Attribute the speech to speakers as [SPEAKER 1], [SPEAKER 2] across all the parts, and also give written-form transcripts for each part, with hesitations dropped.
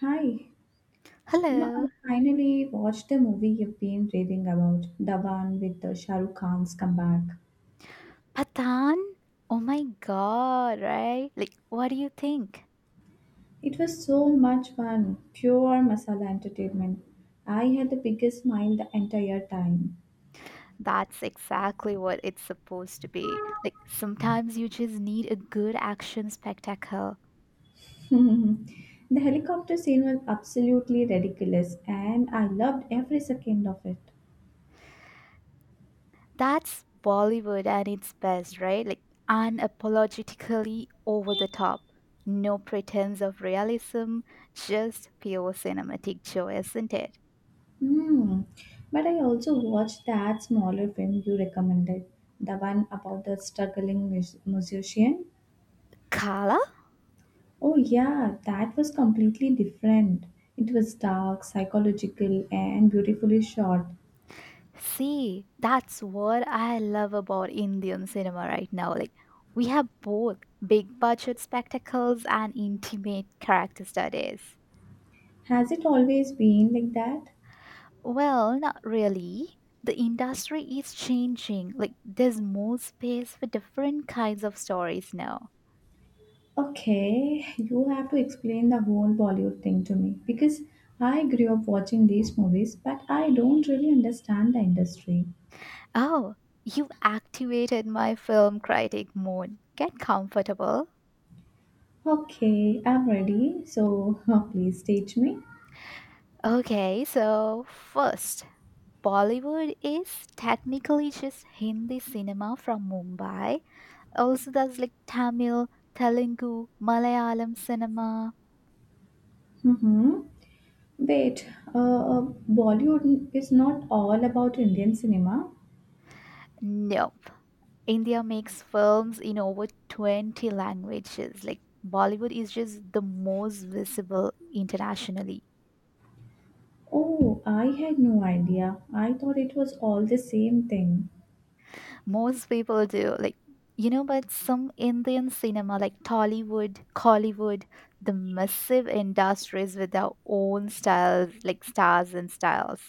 [SPEAKER 1] Hi. I
[SPEAKER 2] Hello,
[SPEAKER 1] finally watched the movie you've been raving about, the one with the Shah Rukh Khan's comeback.
[SPEAKER 2] Patan. Oh my god, right? Like, what do you think?
[SPEAKER 1] It was so much fun, pure masala entertainment. I had the biggest smile the entire time.
[SPEAKER 2] That's exactly what it's supposed to be. Like, sometimes you just need a good action spectacle.
[SPEAKER 1] The helicopter scene was absolutely ridiculous, and I loved every second of it.
[SPEAKER 2] That's Bollywood at its best, right? Like, unapologetically over the top. No pretense of realism, just pure cinematic joy, isn't it?
[SPEAKER 1] Hmm. But I also watched that smaller film you recommended, the one about the musician. Oh, yeah, that was completely different. It was dark, psychological, and beautifully shot.
[SPEAKER 2] See, that's what I love about Indian cinema right now. Like, we have both big budget spectacles and intimate character studies.
[SPEAKER 1] Has it always been like that?
[SPEAKER 2] Well, not really. The industry is changing. Like, there's more space for different kinds of stories now.
[SPEAKER 1] Okay, you have to explain the whole Bollywood thing to me because I grew up watching these movies, but I don't really understand the industry.
[SPEAKER 2] Oh, you have activated my film critic mode. Get comfortable.
[SPEAKER 1] Okay, I'm ready, so please teach me.
[SPEAKER 2] Okay, so first, Bollywood is technically just Hindi cinema from Mumbai. Also, there's like Tamil, Telugu, Malayalam cinema.
[SPEAKER 1] Mm-hmm. Wait, uh, uh, Bollywood is not all about Indian cinema.
[SPEAKER 2] Nope. India makes films in over 20 languages. Like, Bollywood is just the most visible internationally.
[SPEAKER 1] Oh, I had no idea. I thought it was all the same thing.
[SPEAKER 2] Most people do. Like, you know, but some Indian cinema, like Tollywood, Collywood, the massive industries with their own styles, like stars and styles.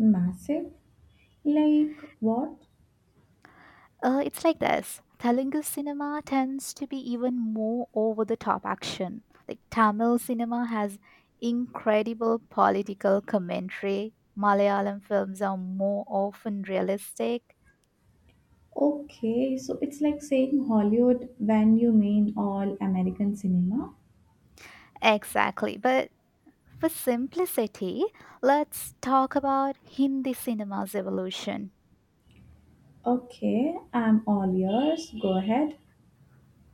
[SPEAKER 1] Massive? Like what?
[SPEAKER 2] It's like this. Telugu cinema tends to be even more over the top action. Like Tamil cinema has incredible political commentary. Malayalam films are more often realistic.
[SPEAKER 1] Okay, so it's like saying Hollywood when you mean all American cinema?
[SPEAKER 2] Exactly. But for simplicity, let's talk about Hindi cinema's evolution.
[SPEAKER 1] Okay, I'm all yours. Go ahead.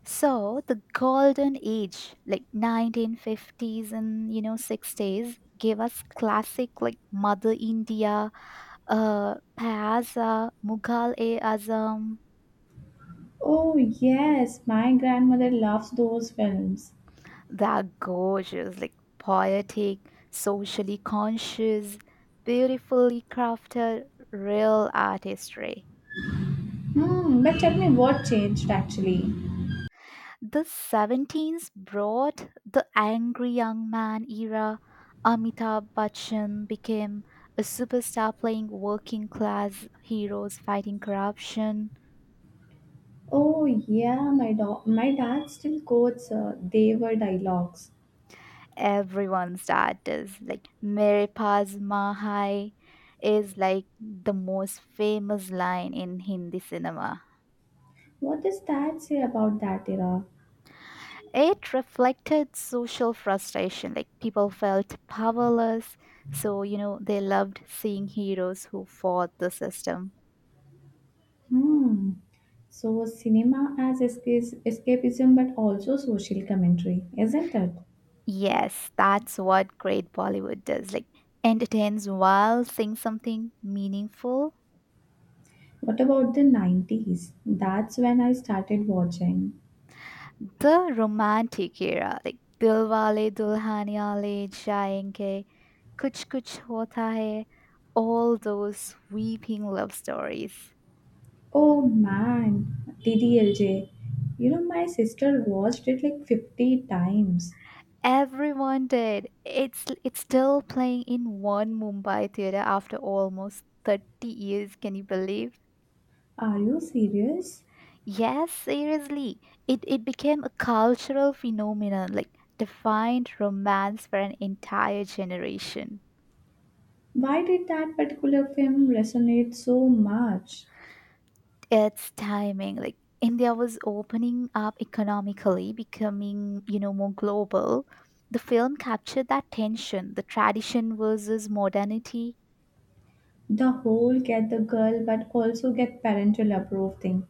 [SPEAKER 2] So the golden age, like 1950s and you know 60s, gave us classic like Mother India, Payasa, Mughal e Azam.
[SPEAKER 1] Oh, yes, my grandmother loves those films.
[SPEAKER 2] They're gorgeous, like poetic, socially conscious, beautifully crafted, real artistry.
[SPEAKER 1] Hmm, but tell me what changed actually.
[SPEAKER 2] The 70s brought the angry young man era. Amitabh Bachchan became a superstar playing working class heroes fighting corruption.
[SPEAKER 1] Oh yeah, my dad still quotes they were dialogues.
[SPEAKER 2] Everyone's dad is like Mere Paas Mahai is like the most famous line in Hindi cinema.
[SPEAKER 1] What does that say about that era?
[SPEAKER 2] It reflected social frustration, like people felt powerless. So, you know, they loved seeing heroes who fought the system.
[SPEAKER 1] Hmm. So, cinema as escapism but also social commentary, isn't it?
[SPEAKER 2] Yes, that's what great Bollywood does. Like entertains while saying something meaningful.
[SPEAKER 1] What about the 90s? That's when I started watching.
[SPEAKER 2] The romantic era, like Dilwale Dulhania Le Jayenge, Kuch Kuch Hota Hai, all those weeping love stories.
[SPEAKER 1] Oh man, DDLJ. My sister watched it like 50 times.
[SPEAKER 2] Everyone did. It's still playing in one Mumbai theater after almost 30 years, can you believe?
[SPEAKER 1] Are you serious?
[SPEAKER 2] Yes, seriously. It became a cultural phenomenon, like defined romance for an entire generation.
[SPEAKER 1] Why did that particular film resonate so much?
[SPEAKER 2] Its timing, like India was opening up economically, becoming, you know, more global. The film captured that tension, the tradition versus modernity.
[SPEAKER 1] The whole get the girl but also get parental approve thing.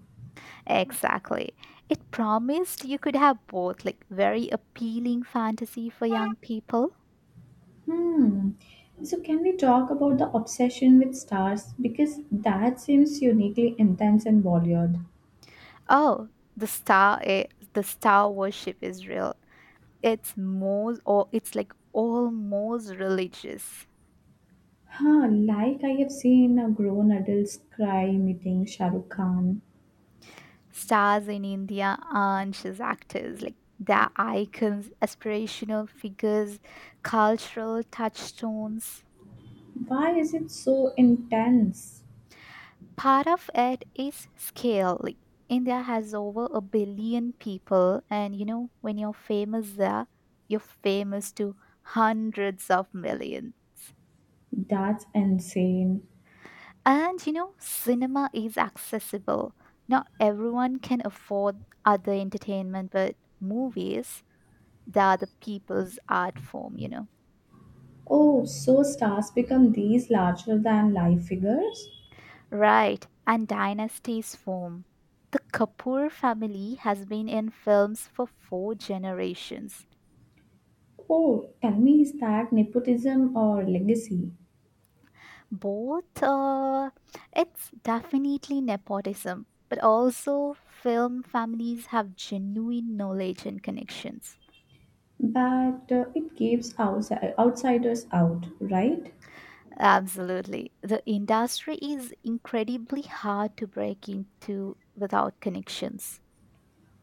[SPEAKER 2] Exactly. It promised you could have both, like very appealing fantasy for young people.
[SPEAKER 1] Hmm. So, can we talk about the obsession with stars? Because that seems uniquely intense and Bollywood.
[SPEAKER 2] Oh, the the star worship is real, it's most, or it's like almost religious.
[SPEAKER 1] Huh, like I have seen a grown adults cry meeting Shah Rukh Khan.
[SPEAKER 2] Stars in india aren't just actors, like they're icons, aspirational figures, cultural touchstones.
[SPEAKER 1] Why is it so intense?
[SPEAKER 2] Part of it is scale. Like india has over 1 billion people, and you know when you're famous there, you're famous to hundreds of millions.
[SPEAKER 1] That's insane.
[SPEAKER 2] And you know, cinema is accessible. Not everyone can afford other entertainment, but movies, they are the people's art form, you know.
[SPEAKER 1] Oh, so stars become these larger than life figures?
[SPEAKER 2] Right, and dynasties form. The Kapoor family has been in films for 4 generations.
[SPEAKER 1] Oh, tell me, is that nepotism or legacy?
[SPEAKER 2] Both, it's definitely nepotism, but also film families have genuine knowledge and connections.
[SPEAKER 1] But it keeps outsiders out, right?
[SPEAKER 2] Absolutely. The industry is incredibly hard to break into without connections.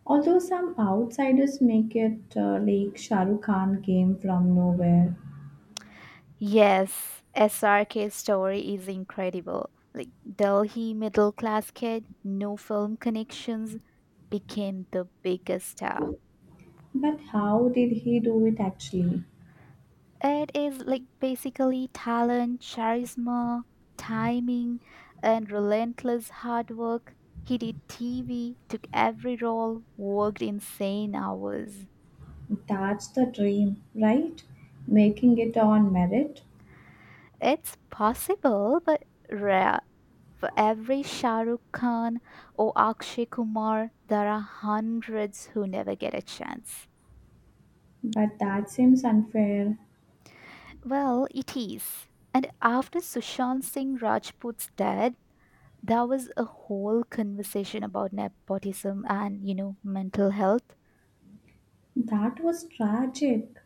[SPEAKER 1] Although some outsiders make it like Shah Rukh Khan came from nowhere.
[SPEAKER 2] Yes, SRK's story is incredible. Like Delhi middle class kid, no film connections, became the biggest star.
[SPEAKER 1] But how did he do it actually?
[SPEAKER 2] It is like basically talent, charisma, timing, and relentless hard work. He did TV, took every role, worked insane hours.
[SPEAKER 1] That's the dream, right? Making it on merit.
[SPEAKER 2] It's possible, but rare. For every Shah Rukh Khan or Akshay Kumar, there are hundreds who never get a chance.
[SPEAKER 1] But that seems unfair.
[SPEAKER 2] Well, it is. And after Sushant Singh Rajput's death, there was a whole conversation about nepotism and, you know, mental health.
[SPEAKER 1] That was tragic.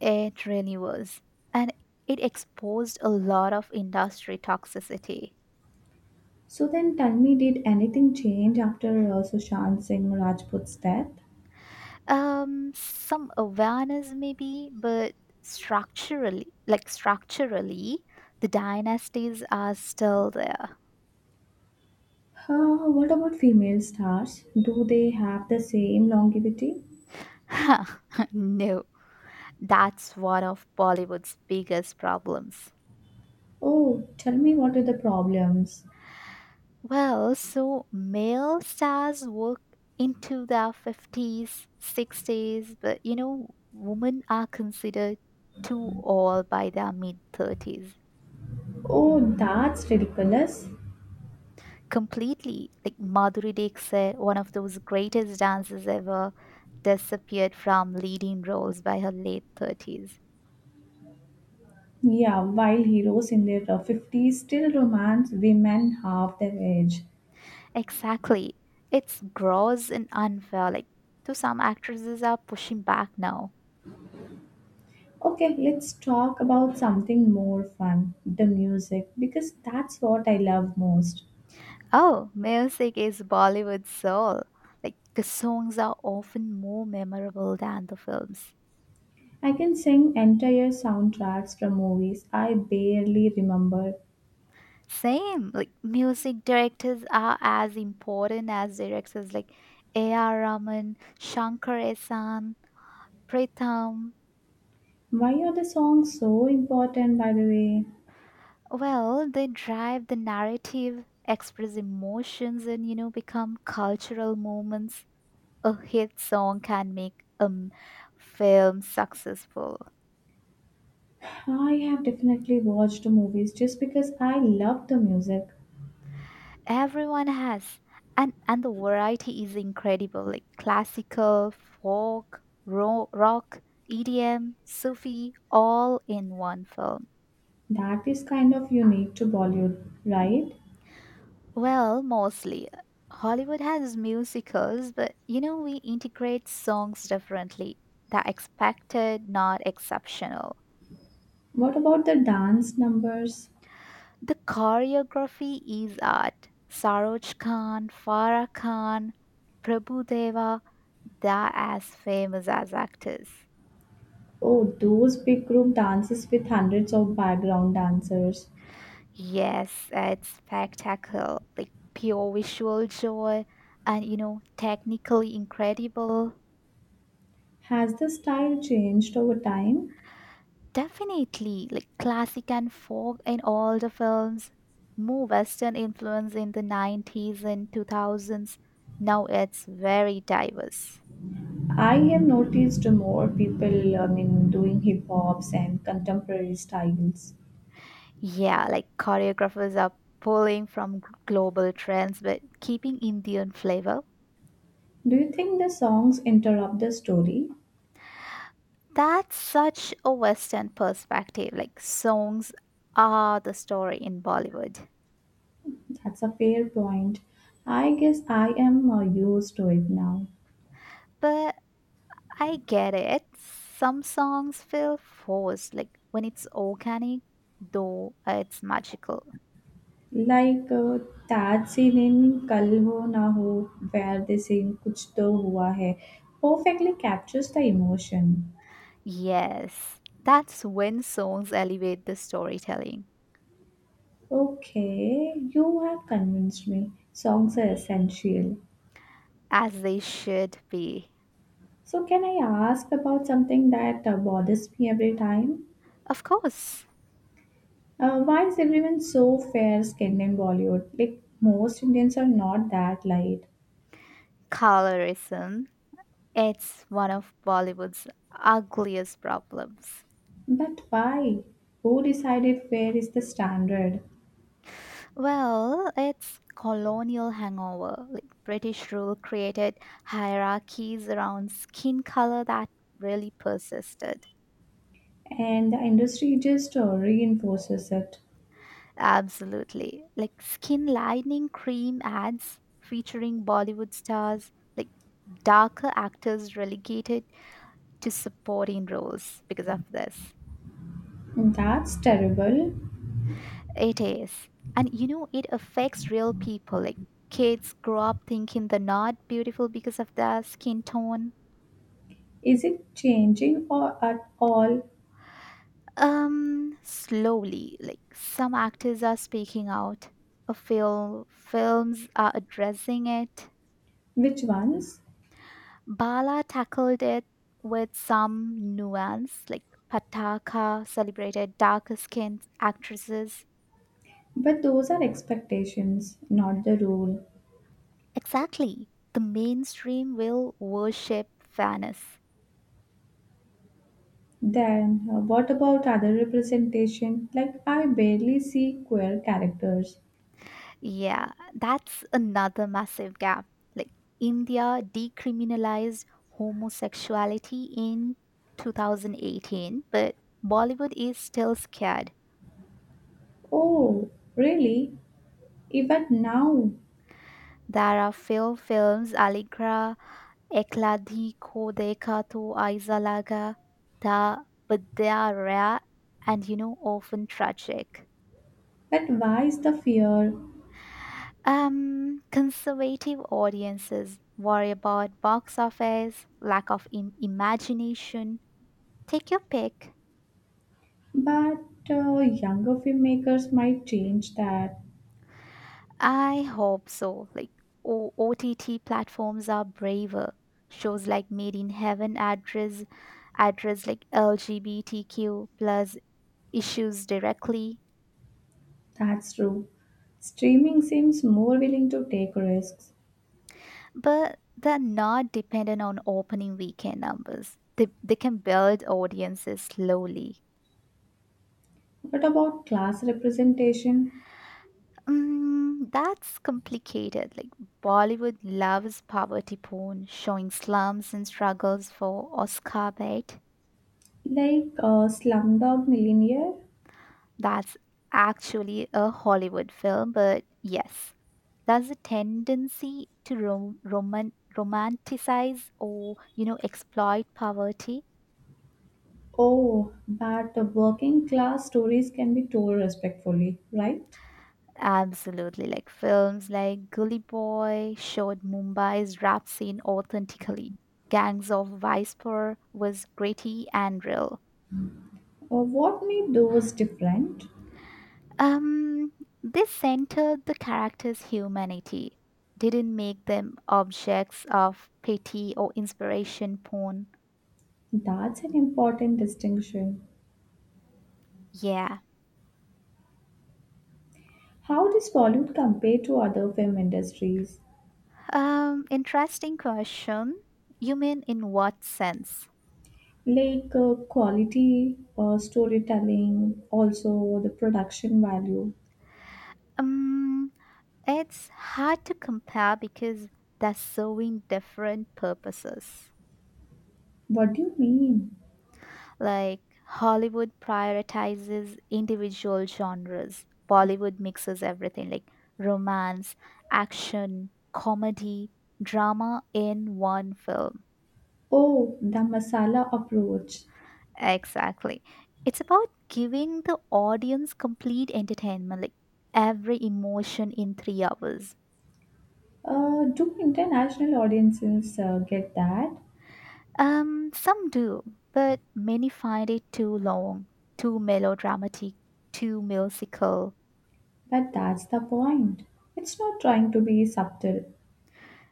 [SPEAKER 2] It really was. And it exposed a lot of industry toxicity.
[SPEAKER 1] So then tell me, did anything change after Sushant Singh Rajput's death?
[SPEAKER 2] Some awareness maybe, but structurally, structurally the dynasties are still there.
[SPEAKER 1] What about female stars? Do they have the same longevity?
[SPEAKER 2] No, that's one of bollywood's biggest problems.
[SPEAKER 1] Oh, tell me what are the problems?
[SPEAKER 2] Well, so male stars work into their 50s, 60s, but you know women are considered too old by their mid 30s.
[SPEAKER 1] Oh, that's ridiculous.
[SPEAKER 2] Completely. Like Madhuri Dixit, one of those greatest dancers ever, disappeared from leading roles by her late 30s.
[SPEAKER 1] Yeah, while heroes in their 50s still romance women half their age.
[SPEAKER 2] Exactly. It's gross and unfair. Like, to some actresses are pushing back now.
[SPEAKER 1] Okay, let's talk about something more fun the music, because that's what I love most.
[SPEAKER 2] Oh, music is Bollywood soul. Like, the songs are often more memorable than the films.
[SPEAKER 1] I can sing entire soundtracks from movies I barely remember.
[SPEAKER 2] Same. Like, music directors are as important as directors like A.R. Rahman, Shankar Ehsan, Pritham.
[SPEAKER 1] Why are the songs so important, by the way?
[SPEAKER 2] Well, they drive the narrative, express emotions, and you know, become cultural moments. A hit song can make a film successful.
[SPEAKER 1] I have definitely watched movies just because I love the music.
[SPEAKER 2] Everyone has, and the variety is incredible. Like classical, folk, rock, EDM, Sufi, all in one film.
[SPEAKER 1] That is kind of unique to Bollywood, right?
[SPEAKER 2] Well, mostly. Hollywood has musicals, but you know, we integrate songs differently. The expected, not exceptional.
[SPEAKER 1] What about the dance numbers?
[SPEAKER 2] The choreography is art. Saroj Khan, Farah Khan, Prabhu Deva, they're as famous as actors.
[SPEAKER 1] Oh, those big group dances with hundreds of background dancers.
[SPEAKER 2] Yes, it's spectacle, like pure visual joy, and you know, technically incredible.
[SPEAKER 1] Has the style changed over time?
[SPEAKER 2] Definitely, like classic and folk in all the films, more Western influence in the 90s and 2000s. Now it's very diverse.
[SPEAKER 1] I have noticed more people, I mean, doing hip hops and contemporary styles.
[SPEAKER 2] Yeah, like choreographers are pulling from global trends but keeping Indian flavor.
[SPEAKER 1] Do you think the songs interrupt the story?
[SPEAKER 2] That's such a Western perspective. Like songs are the story in Bollywood.
[SPEAKER 1] That's a fair point. I guess I am used to it now.
[SPEAKER 2] But I get it. Some songs feel forced, like when it's organic, though it's magical.
[SPEAKER 1] Like that scene in Kal Ho Na Ho, where they sing Kuch To Hua Hai, perfectly captures the emotion.
[SPEAKER 2] Yes, that's when songs elevate the storytelling,
[SPEAKER 1] Okay, you have convinced me. Songs are essential.
[SPEAKER 2] as they should be.
[SPEAKER 1] So, can I ask about something that bothers me every time?
[SPEAKER 2] Of course,
[SPEAKER 1] Why is everyone so fair skinned in Bollywood? Like, most Indians are not that light.
[SPEAKER 2] colorism. It's one of Bollywood's ugliest problems.
[SPEAKER 1] But why? Who decided fair is the standard?
[SPEAKER 2] Well, it's colonial hangover. Like British rule created hierarchies around skin color that really persisted.
[SPEAKER 1] And the industry just reinforces it.
[SPEAKER 2] Absolutely. Like skin lightening cream ads featuring Bollywood stars, like darker actors relegated to supporting roles because of this.
[SPEAKER 1] That's terrible.
[SPEAKER 2] It is. And you know, it affects real people. Like kids grow up thinking they're not beautiful because of their skin tone.
[SPEAKER 1] Is it changing or at all?
[SPEAKER 2] Slowly, like some actors are speaking out. A film, films are addressing it.
[SPEAKER 1] Which ones?
[SPEAKER 2] Bala tackled it with some nuance, like Pataka celebrated darker skinned actresses.
[SPEAKER 1] But those are expectations, not the rule.
[SPEAKER 2] Exactly. The mainstream will worship fairness.
[SPEAKER 1] Then, what about other representation? Like, I barely see queer characters.
[SPEAKER 2] Yeah, that's another massive gap. Like India decriminalized homosexuality in 2018, but Bollywood is still scared.
[SPEAKER 1] Oh, really? Even now?
[SPEAKER 2] There are few films, Aligra. Ekladhi ko dekha to aisa laga tha, but they are rare and you know often tragic.
[SPEAKER 1] But why is the fear?
[SPEAKER 2] Conservative audiences worry about box office, lack of imagination. Take your pick.
[SPEAKER 1] But younger filmmakers might change that.
[SPEAKER 2] I hope so. Like OTT platforms are braver. Shows like Made in Heaven address like LGBTQ plus issues directly,
[SPEAKER 1] That's true. Streaming seems more willing to take risks.
[SPEAKER 2] but they're not dependent on opening weekend numbers. They can build audiences slowly.
[SPEAKER 1] What about class representation?
[SPEAKER 2] Mm, that's complicated. Like Bollywood loves poverty porn, showing slums and struggles for Oscar bait.
[SPEAKER 1] Like Slumdog Millionaire?
[SPEAKER 2] That's actually a Hollywood film, but yes, there's a tendency to romanticize or you know exploit poverty.
[SPEAKER 1] Oh, but working class stories can be told respectfully, right?
[SPEAKER 2] Absolutely. Like films like Gully Boy showed Mumbai's rap scene authentically. Gangs of Vicepur was gritty and real.
[SPEAKER 1] Or what made those different?
[SPEAKER 2] Um, this centered the characters' humanity, didn't make them objects of pity or inspiration porn.
[SPEAKER 1] That's an important distinction.
[SPEAKER 2] Yeah.
[SPEAKER 1] How does Bollywood compare to other film industries?
[SPEAKER 2] Interesting question. You mean in what sense?
[SPEAKER 1] Like quality, storytelling, also the production value.
[SPEAKER 2] Um, It's hard to compare because they're serving different purposes.
[SPEAKER 1] What do you mean?
[SPEAKER 2] Like Hollywood prioritizes individual genres, Bollywood mixes everything like romance, action, comedy, drama in one film.
[SPEAKER 1] Oh, the masala approach.
[SPEAKER 2] Exactly. It's about giving the audience complete entertainment, like every emotion in 3 hours.
[SPEAKER 1] Do international audiences get that?
[SPEAKER 2] Some do, but many find it too long, too melodramatic, too musical.
[SPEAKER 1] But that's the point. It's not trying to be subtle.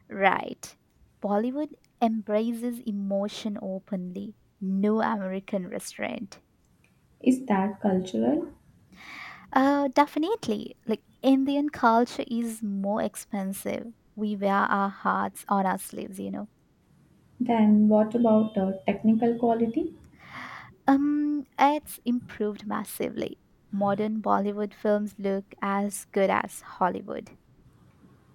[SPEAKER 2] Right. Bollywood embraces emotion openly, no American restraint.
[SPEAKER 1] Is that cultural?
[SPEAKER 2] Definitely. Like Indian culture is more expensive. We wear our hearts on our sleeves, you know.
[SPEAKER 1] Then what about technical quality?
[SPEAKER 2] It's improved massively. Modern Bollywood films look as good as Hollywood.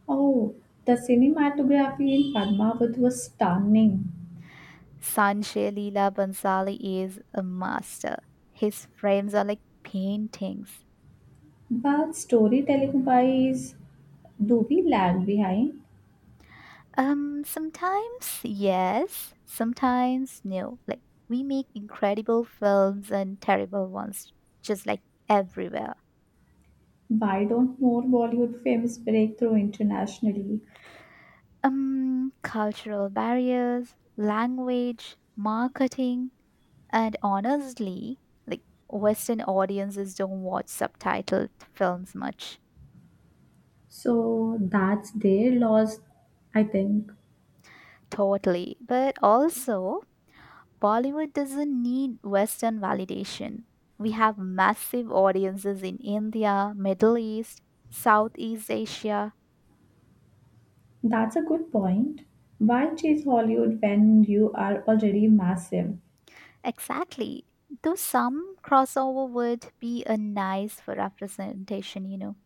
[SPEAKER 1] Oh, the cinematography in Padmavat was stunning.
[SPEAKER 2] Sanjay Leela Bansali is a master. His frames are like paintings.
[SPEAKER 1] But storytelling wise, do we lag behind?
[SPEAKER 2] Sometimes yes, sometimes no. Like we make incredible films and terrible ones, just like everywhere.
[SPEAKER 1] Why don't more Bollywood films break through internationally?
[SPEAKER 2] Cultural barriers, language, marketing, and honestly, like Western audiences don't watch subtitled films much.
[SPEAKER 1] So that's their loss, I think.
[SPEAKER 2] Totally, but also Bollywood doesn't need Western validation. We have massive audiences in India, Middle East, Southeast Asia.
[SPEAKER 1] That's a good point. Why chase Hollywood when you are already massive?
[SPEAKER 2] Exactly. Though some crossover would be a nice for representation, you know.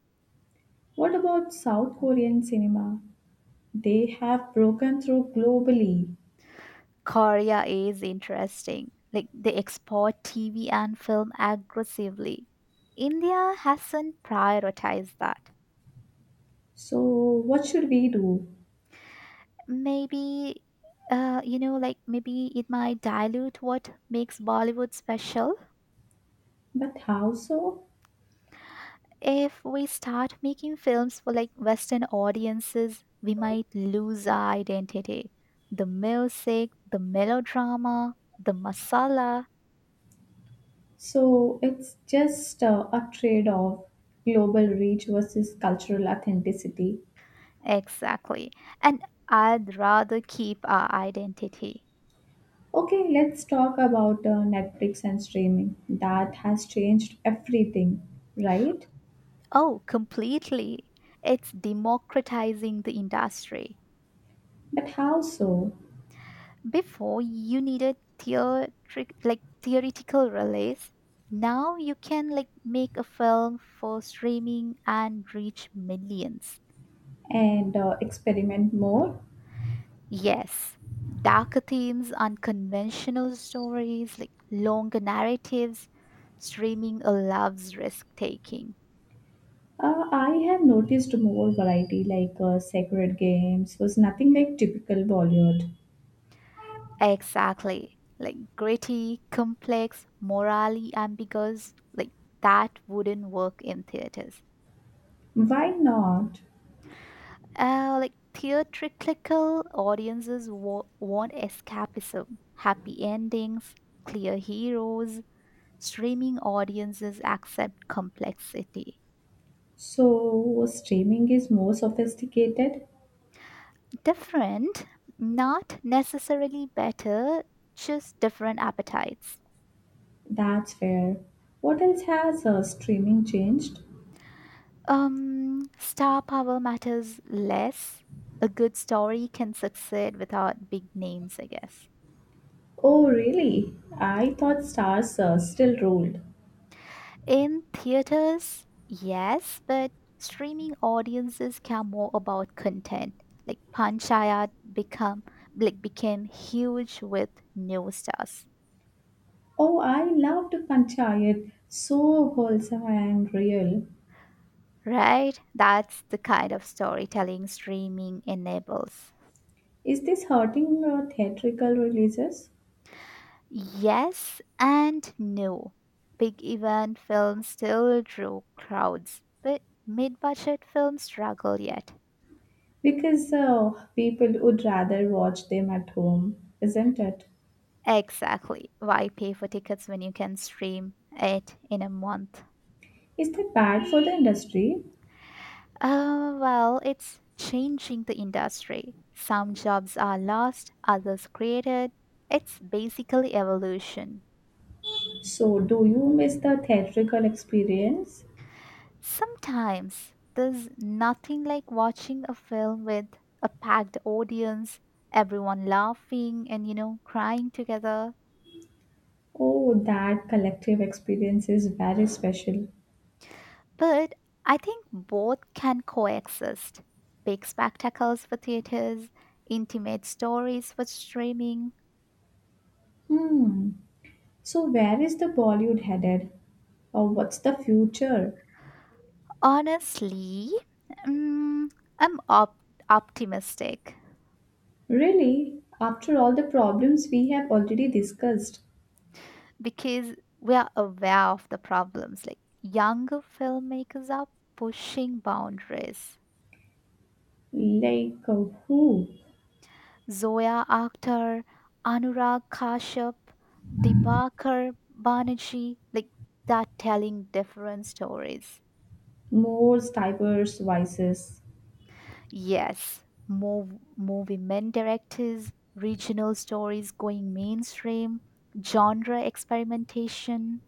[SPEAKER 1] What about South Korean cinema? They have broken through globally.
[SPEAKER 2] Korea is interesting. Like they export TV and film aggressively. India hasn't prioritized that.
[SPEAKER 1] So, what should we do?
[SPEAKER 2] Maybe you know, like maybe it might dilute what makes Bollywood special.
[SPEAKER 1] But how so?
[SPEAKER 2] If we start making films for like Western audiences, we might lose our identity. The music, the melodrama, the masala.
[SPEAKER 1] So, it's just a trade off global reach versus cultural authenticity.
[SPEAKER 2] Exactly. And I'd rather keep our identity.
[SPEAKER 1] Okay, let's talk about Netflix and streaming. That has changed everything, right?
[SPEAKER 2] Oh, completely. It's democratizing the industry.
[SPEAKER 1] But how so?
[SPEAKER 2] Before you needed theatric like theoretical release. Now you can like make a film for streaming and reach millions.
[SPEAKER 1] And experiment more?
[SPEAKER 2] Yes, darker themes, unconventional stories, like longer narratives, streaming allows risk taking.
[SPEAKER 1] I have noticed more variety like sacred games was nothing like typical Bollywood.
[SPEAKER 2] Exactly. Like gritty, complex, morally ambiguous, like that wouldn't work in theaters.
[SPEAKER 1] Why not?
[SPEAKER 2] Like theatrical audiences want escapism, happy endings, clear heroes. Streaming audiences accept complexity.
[SPEAKER 1] So streaming is more sophisticated.
[SPEAKER 2] Different, not necessarily better, just different appetites.
[SPEAKER 1] That's fair. What else has streaming changed?
[SPEAKER 2] Star power matters less. A good story can succeed without big names, I guess.
[SPEAKER 1] Oh really? I thought stars still ruled.
[SPEAKER 2] In theaters, yes, but streaming audiences care more about content. Like Panchayat become like became huge with new stars.
[SPEAKER 1] Oh, I loved Panchayat. So wholesome and real.
[SPEAKER 2] Right? That's the kind of storytelling streaming enables.
[SPEAKER 1] Is this hurting theatrical releases?
[SPEAKER 2] Yes and no. Big event films still draw crowds, but mid budget films struggle yet.
[SPEAKER 1] Because people would rather watch them at home, isn't it?
[SPEAKER 2] Exactly. Why pay for tickets when you can stream it in a month?
[SPEAKER 1] Is that bad for the industry?
[SPEAKER 2] Well, it's changing the industry. Some jobs are lost, others created. It's basically evolution.
[SPEAKER 1] So, do you miss the theatrical experience?
[SPEAKER 2] Sometimes there's nothing like watching a film with a packed audience, everyone laughing and, you know, crying together.
[SPEAKER 1] Oh, that collective experience is very special.
[SPEAKER 2] But I think both can coexist, big spectacles for theaters, intimate stories for streaming.
[SPEAKER 1] Hmm. So, where is the Bollywood headed? Or what's the future?
[SPEAKER 2] Honestly, mm, I'm op- optimistic
[SPEAKER 1] Really, after all the problems we have already discussed,
[SPEAKER 2] because we are aware of the problems. Like, younger filmmakers are pushing boundaries.
[SPEAKER 1] like who?
[SPEAKER 2] Zoya Akhtar, Anurag Kashyap, Dibakar Banerjee, like that, telling different stories.
[SPEAKER 1] More diverse voices,
[SPEAKER 2] Yes, more movie men directors, regional stories going mainstream, genre experimentation.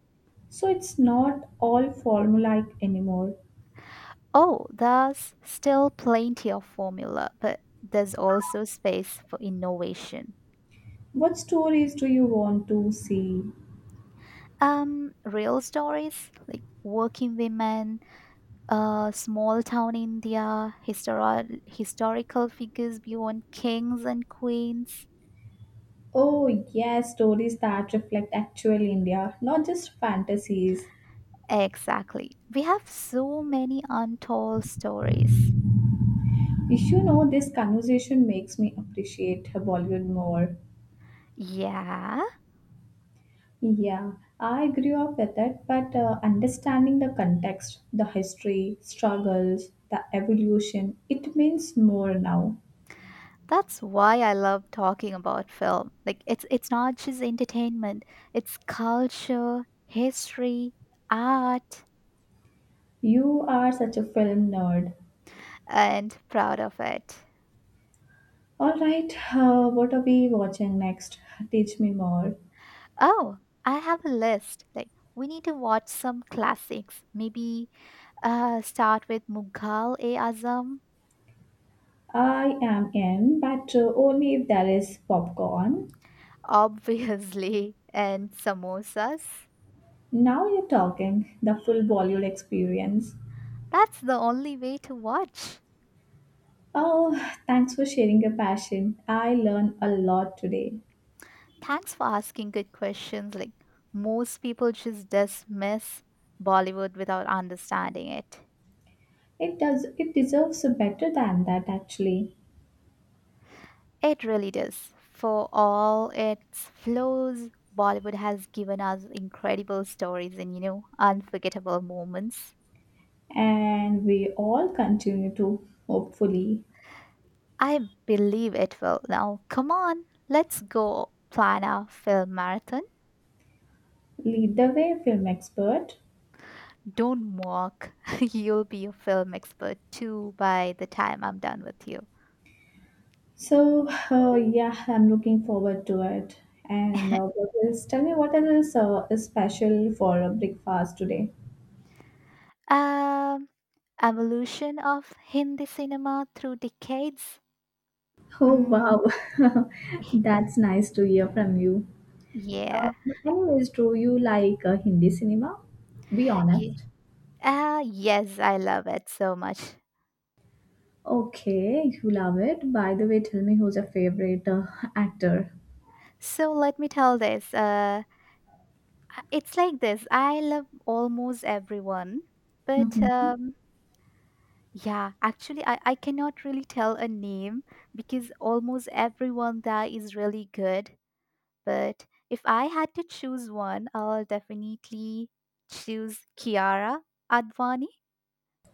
[SPEAKER 1] so it's not all formulaic anymore.
[SPEAKER 2] Oh, there's still plenty of formula, but there's also space for innovation.
[SPEAKER 1] What stories do you want to see?
[SPEAKER 2] Real stories like working women, small town India, historical figures beyond kings and queens.
[SPEAKER 1] Oh, yes, stories that reflect actual India, not just fantasies.
[SPEAKER 2] Exactly. We have so many untold stories.
[SPEAKER 1] You know, this conversation makes me appreciate Bollywood more.
[SPEAKER 2] Yeah,
[SPEAKER 1] Yeah, I grew up with it, but understanding the context, the history, struggles, the evolution, it means more now.
[SPEAKER 2] that's why I love talking about film. Like, it's not just entertainment, it's culture, history, art,
[SPEAKER 1] You are such a film nerd.
[SPEAKER 2] and proud of it.
[SPEAKER 1] All right, what are we watching next? Teach me more.
[SPEAKER 2] Oh, I have a list. Like, we need to watch some classics, maybe. Start with Mughal e Azam,
[SPEAKER 1] I am in, but only if there is popcorn.
[SPEAKER 2] obviously, and samosas.
[SPEAKER 1] Now you're talking, the full Bollywood experience.
[SPEAKER 2] That's the only way to watch.
[SPEAKER 1] Oh, thanks for sharing your passion. I learned a lot today.
[SPEAKER 2] Thanks for asking good questions. Like, most people just dismiss Bollywood without understanding it.
[SPEAKER 1] It does it deserves better than that actually.
[SPEAKER 2] It really does. For all its flaws, Bollywood has given us incredible stories and, unforgettable moments.
[SPEAKER 1] And we all continue to hopefully
[SPEAKER 2] I believe it will. Now, come on, let's go plan our film marathon.
[SPEAKER 1] lead the way film expert.
[SPEAKER 2] Don't mock. You'll be a film expert too by the time I'm done with you.
[SPEAKER 1] So yeah, I'm looking forward to it. And what else? Tell me what else is special for breakfast today?
[SPEAKER 2] Um, Evolution of Hindi cinema through decades.
[SPEAKER 1] Oh
[SPEAKER 2] Mm,
[SPEAKER 1] wow, that's nice to hear from you.
[SPEAKER 2] yeah.
[SPEAKER 1] But anyways, do you like Hindi cinema? Be
[SPEAKER 2] Ye-
[SPEAKER 1] honest.
[SPEAKER 2] Ah, yes, I love it so much.
[SPEAKER 1] Okay, you love it. By the way, tell me who's your favorite actor.
[SPEAKER 2] So let me tell this. It's like this. I love almost everyone, but
[SPEAKER 1] Hmm.
[SPEAKER 2] yeah, actually, I cannot really tell a name because almost everyone there is really good. But if I had to choose one, I'll definitely choose Kiara Advani.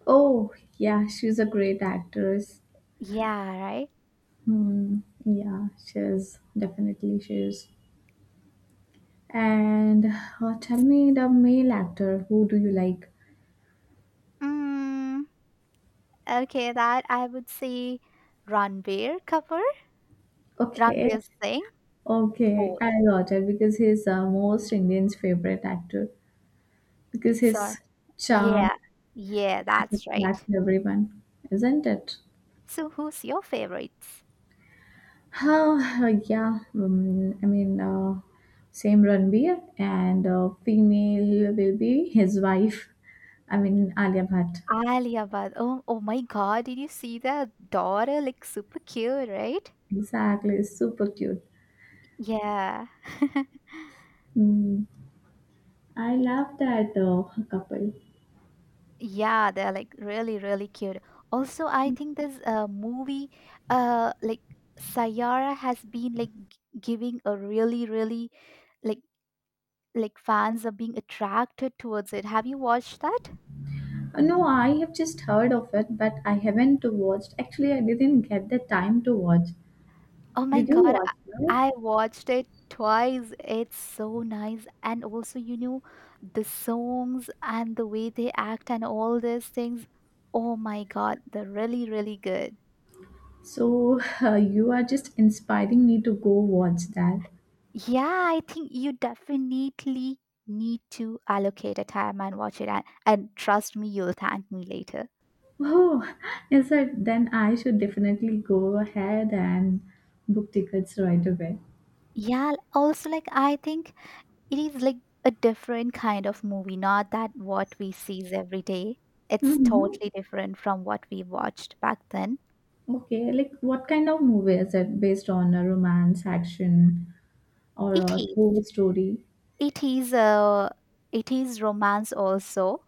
[SPEAKER 1] Oh, yeah, she's a great actress.
[SPEAKER 2] Yeah, right?
[SPEAKER 1] Hmm. Yeah, she is. Definitely, she is. And tell me the male actor, who do you like?
[SPEAKER 2] Mm, okay, that I would say Ranbir Kapoor,
[SPEAKER 1] Okay,
[SPEAKER 2] Ranbir Singh,
[SPEAKER 1] okay,
[SPEAKER 2] both.
[SPEAKER 1] I got it because he's most Indians' favorite actor because
[SPEAKER 2] Sorry.
[SPEAKER 1] his charm
[SPEAKER 2] Yeah, yeah, that's right.
[SPEAKER 1] attracts everyone, isn't it?
[SPEAKER 2] So, who's your favorites?
[SPEAKER 1] Oh, yeah, I mean, same Ranbir and female will be his wife, I mean, Alia Bhatt.
[SPEAKER 2] Alia Bhatt. Oh, oh my God! Did you see the daughter? Like super cute, right?
[SPEAKER 1] Exactly, super cute.
[SPEAKER 2] Yeah.
[SPEAKER 1] Mm, I love that couple.
[SPEAKER 2] Yeah, they're like really, really cute. Also, I think this movie, like Sayara has been like giving a really, really, like like fans are being attracted towards it. Have you watched that?
[SPEAKER 1] No, I have just heard of it, but I haven't watched. Actually, I didn't get the time to watch.
[SPEAKER 2] Oh my
[SPEAKER 1] Did you
[SPEAKER 2] God,
[SPEAKER 1] watch it?
[SPEAKER 2] I watched it twice. It's so nice, and also the songs and the way they act and all these things. Oh my God, they're really, really good.
[SPEAKER 1] So, you are just inspiring me to go watch that.
[SPEAKER 2] Yeah, I think you definitely need to allocate a time and watch it, and trust me, you'll thank me later.
[SPEAKER 1] Oh, yes, I, then I should definitely go ahead and book tickets right away.
[SPEAKER 2] Yeah, also like I think it is like a different kind of movie, not that what we sees every day. It's
[SPEAKER 1] Mm-hmm.
[SPEAKER 2] totally different from what we watched back then.
[SPEAKER 1] Okay, like what kind of movie is it based on a romance, action, or
[SPEAKER 2] It
[SPEAKER 1] a
[SPEAKER 2] is.
[SPEAKER 1] true story?
[SPEAKER 2] It is it is romance also.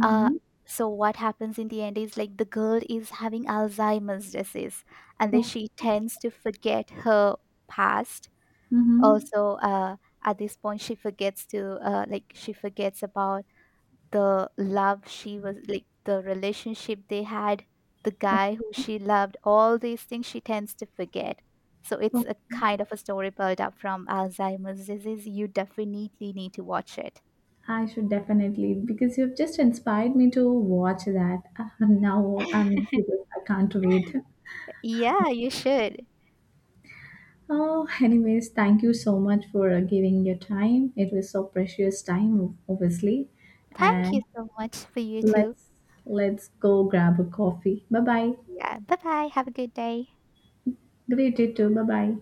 [SPEAKER 2] uh, so what happens in the end is, like, the girl is having alzheimer's disease and then
[SPEAKER 1] Okay.
[SPEAKER 2] she tends to forget her past.
[SPEAKER 1] Mm-hmm.
[SPEAKER 2] Also at this point she forgets to, like, she forgets about the love, she was like, the relationship they had, the guy who she loved, all these things she tends to forget. So it's
[SPEAKER 1] Okay.
[SPEAKER 2] a kind of a story built up from alzheimer's disease. You definitely need to watch it.
[SPEAKER 1] I should definitely because you've just inspired me to watch that. Now I'm curious. I can't wait.
[SPEAKER 2] Yeah, you should.
[SPEAKER 1] Oh, anyways, thank you so much for giving your time. It was so precious time, obviously.
[SPEAKER 2] Thank you
[SPEAKER 1] And
[SPEAKER 2] so much for you too.
[SPEAKER 1] let's let's go grab a coffee. Bye bye.
[SPEAKER 2] Yeah, bye bye, have a good day.
[SPEAKER 1] Great day too. Bye bye.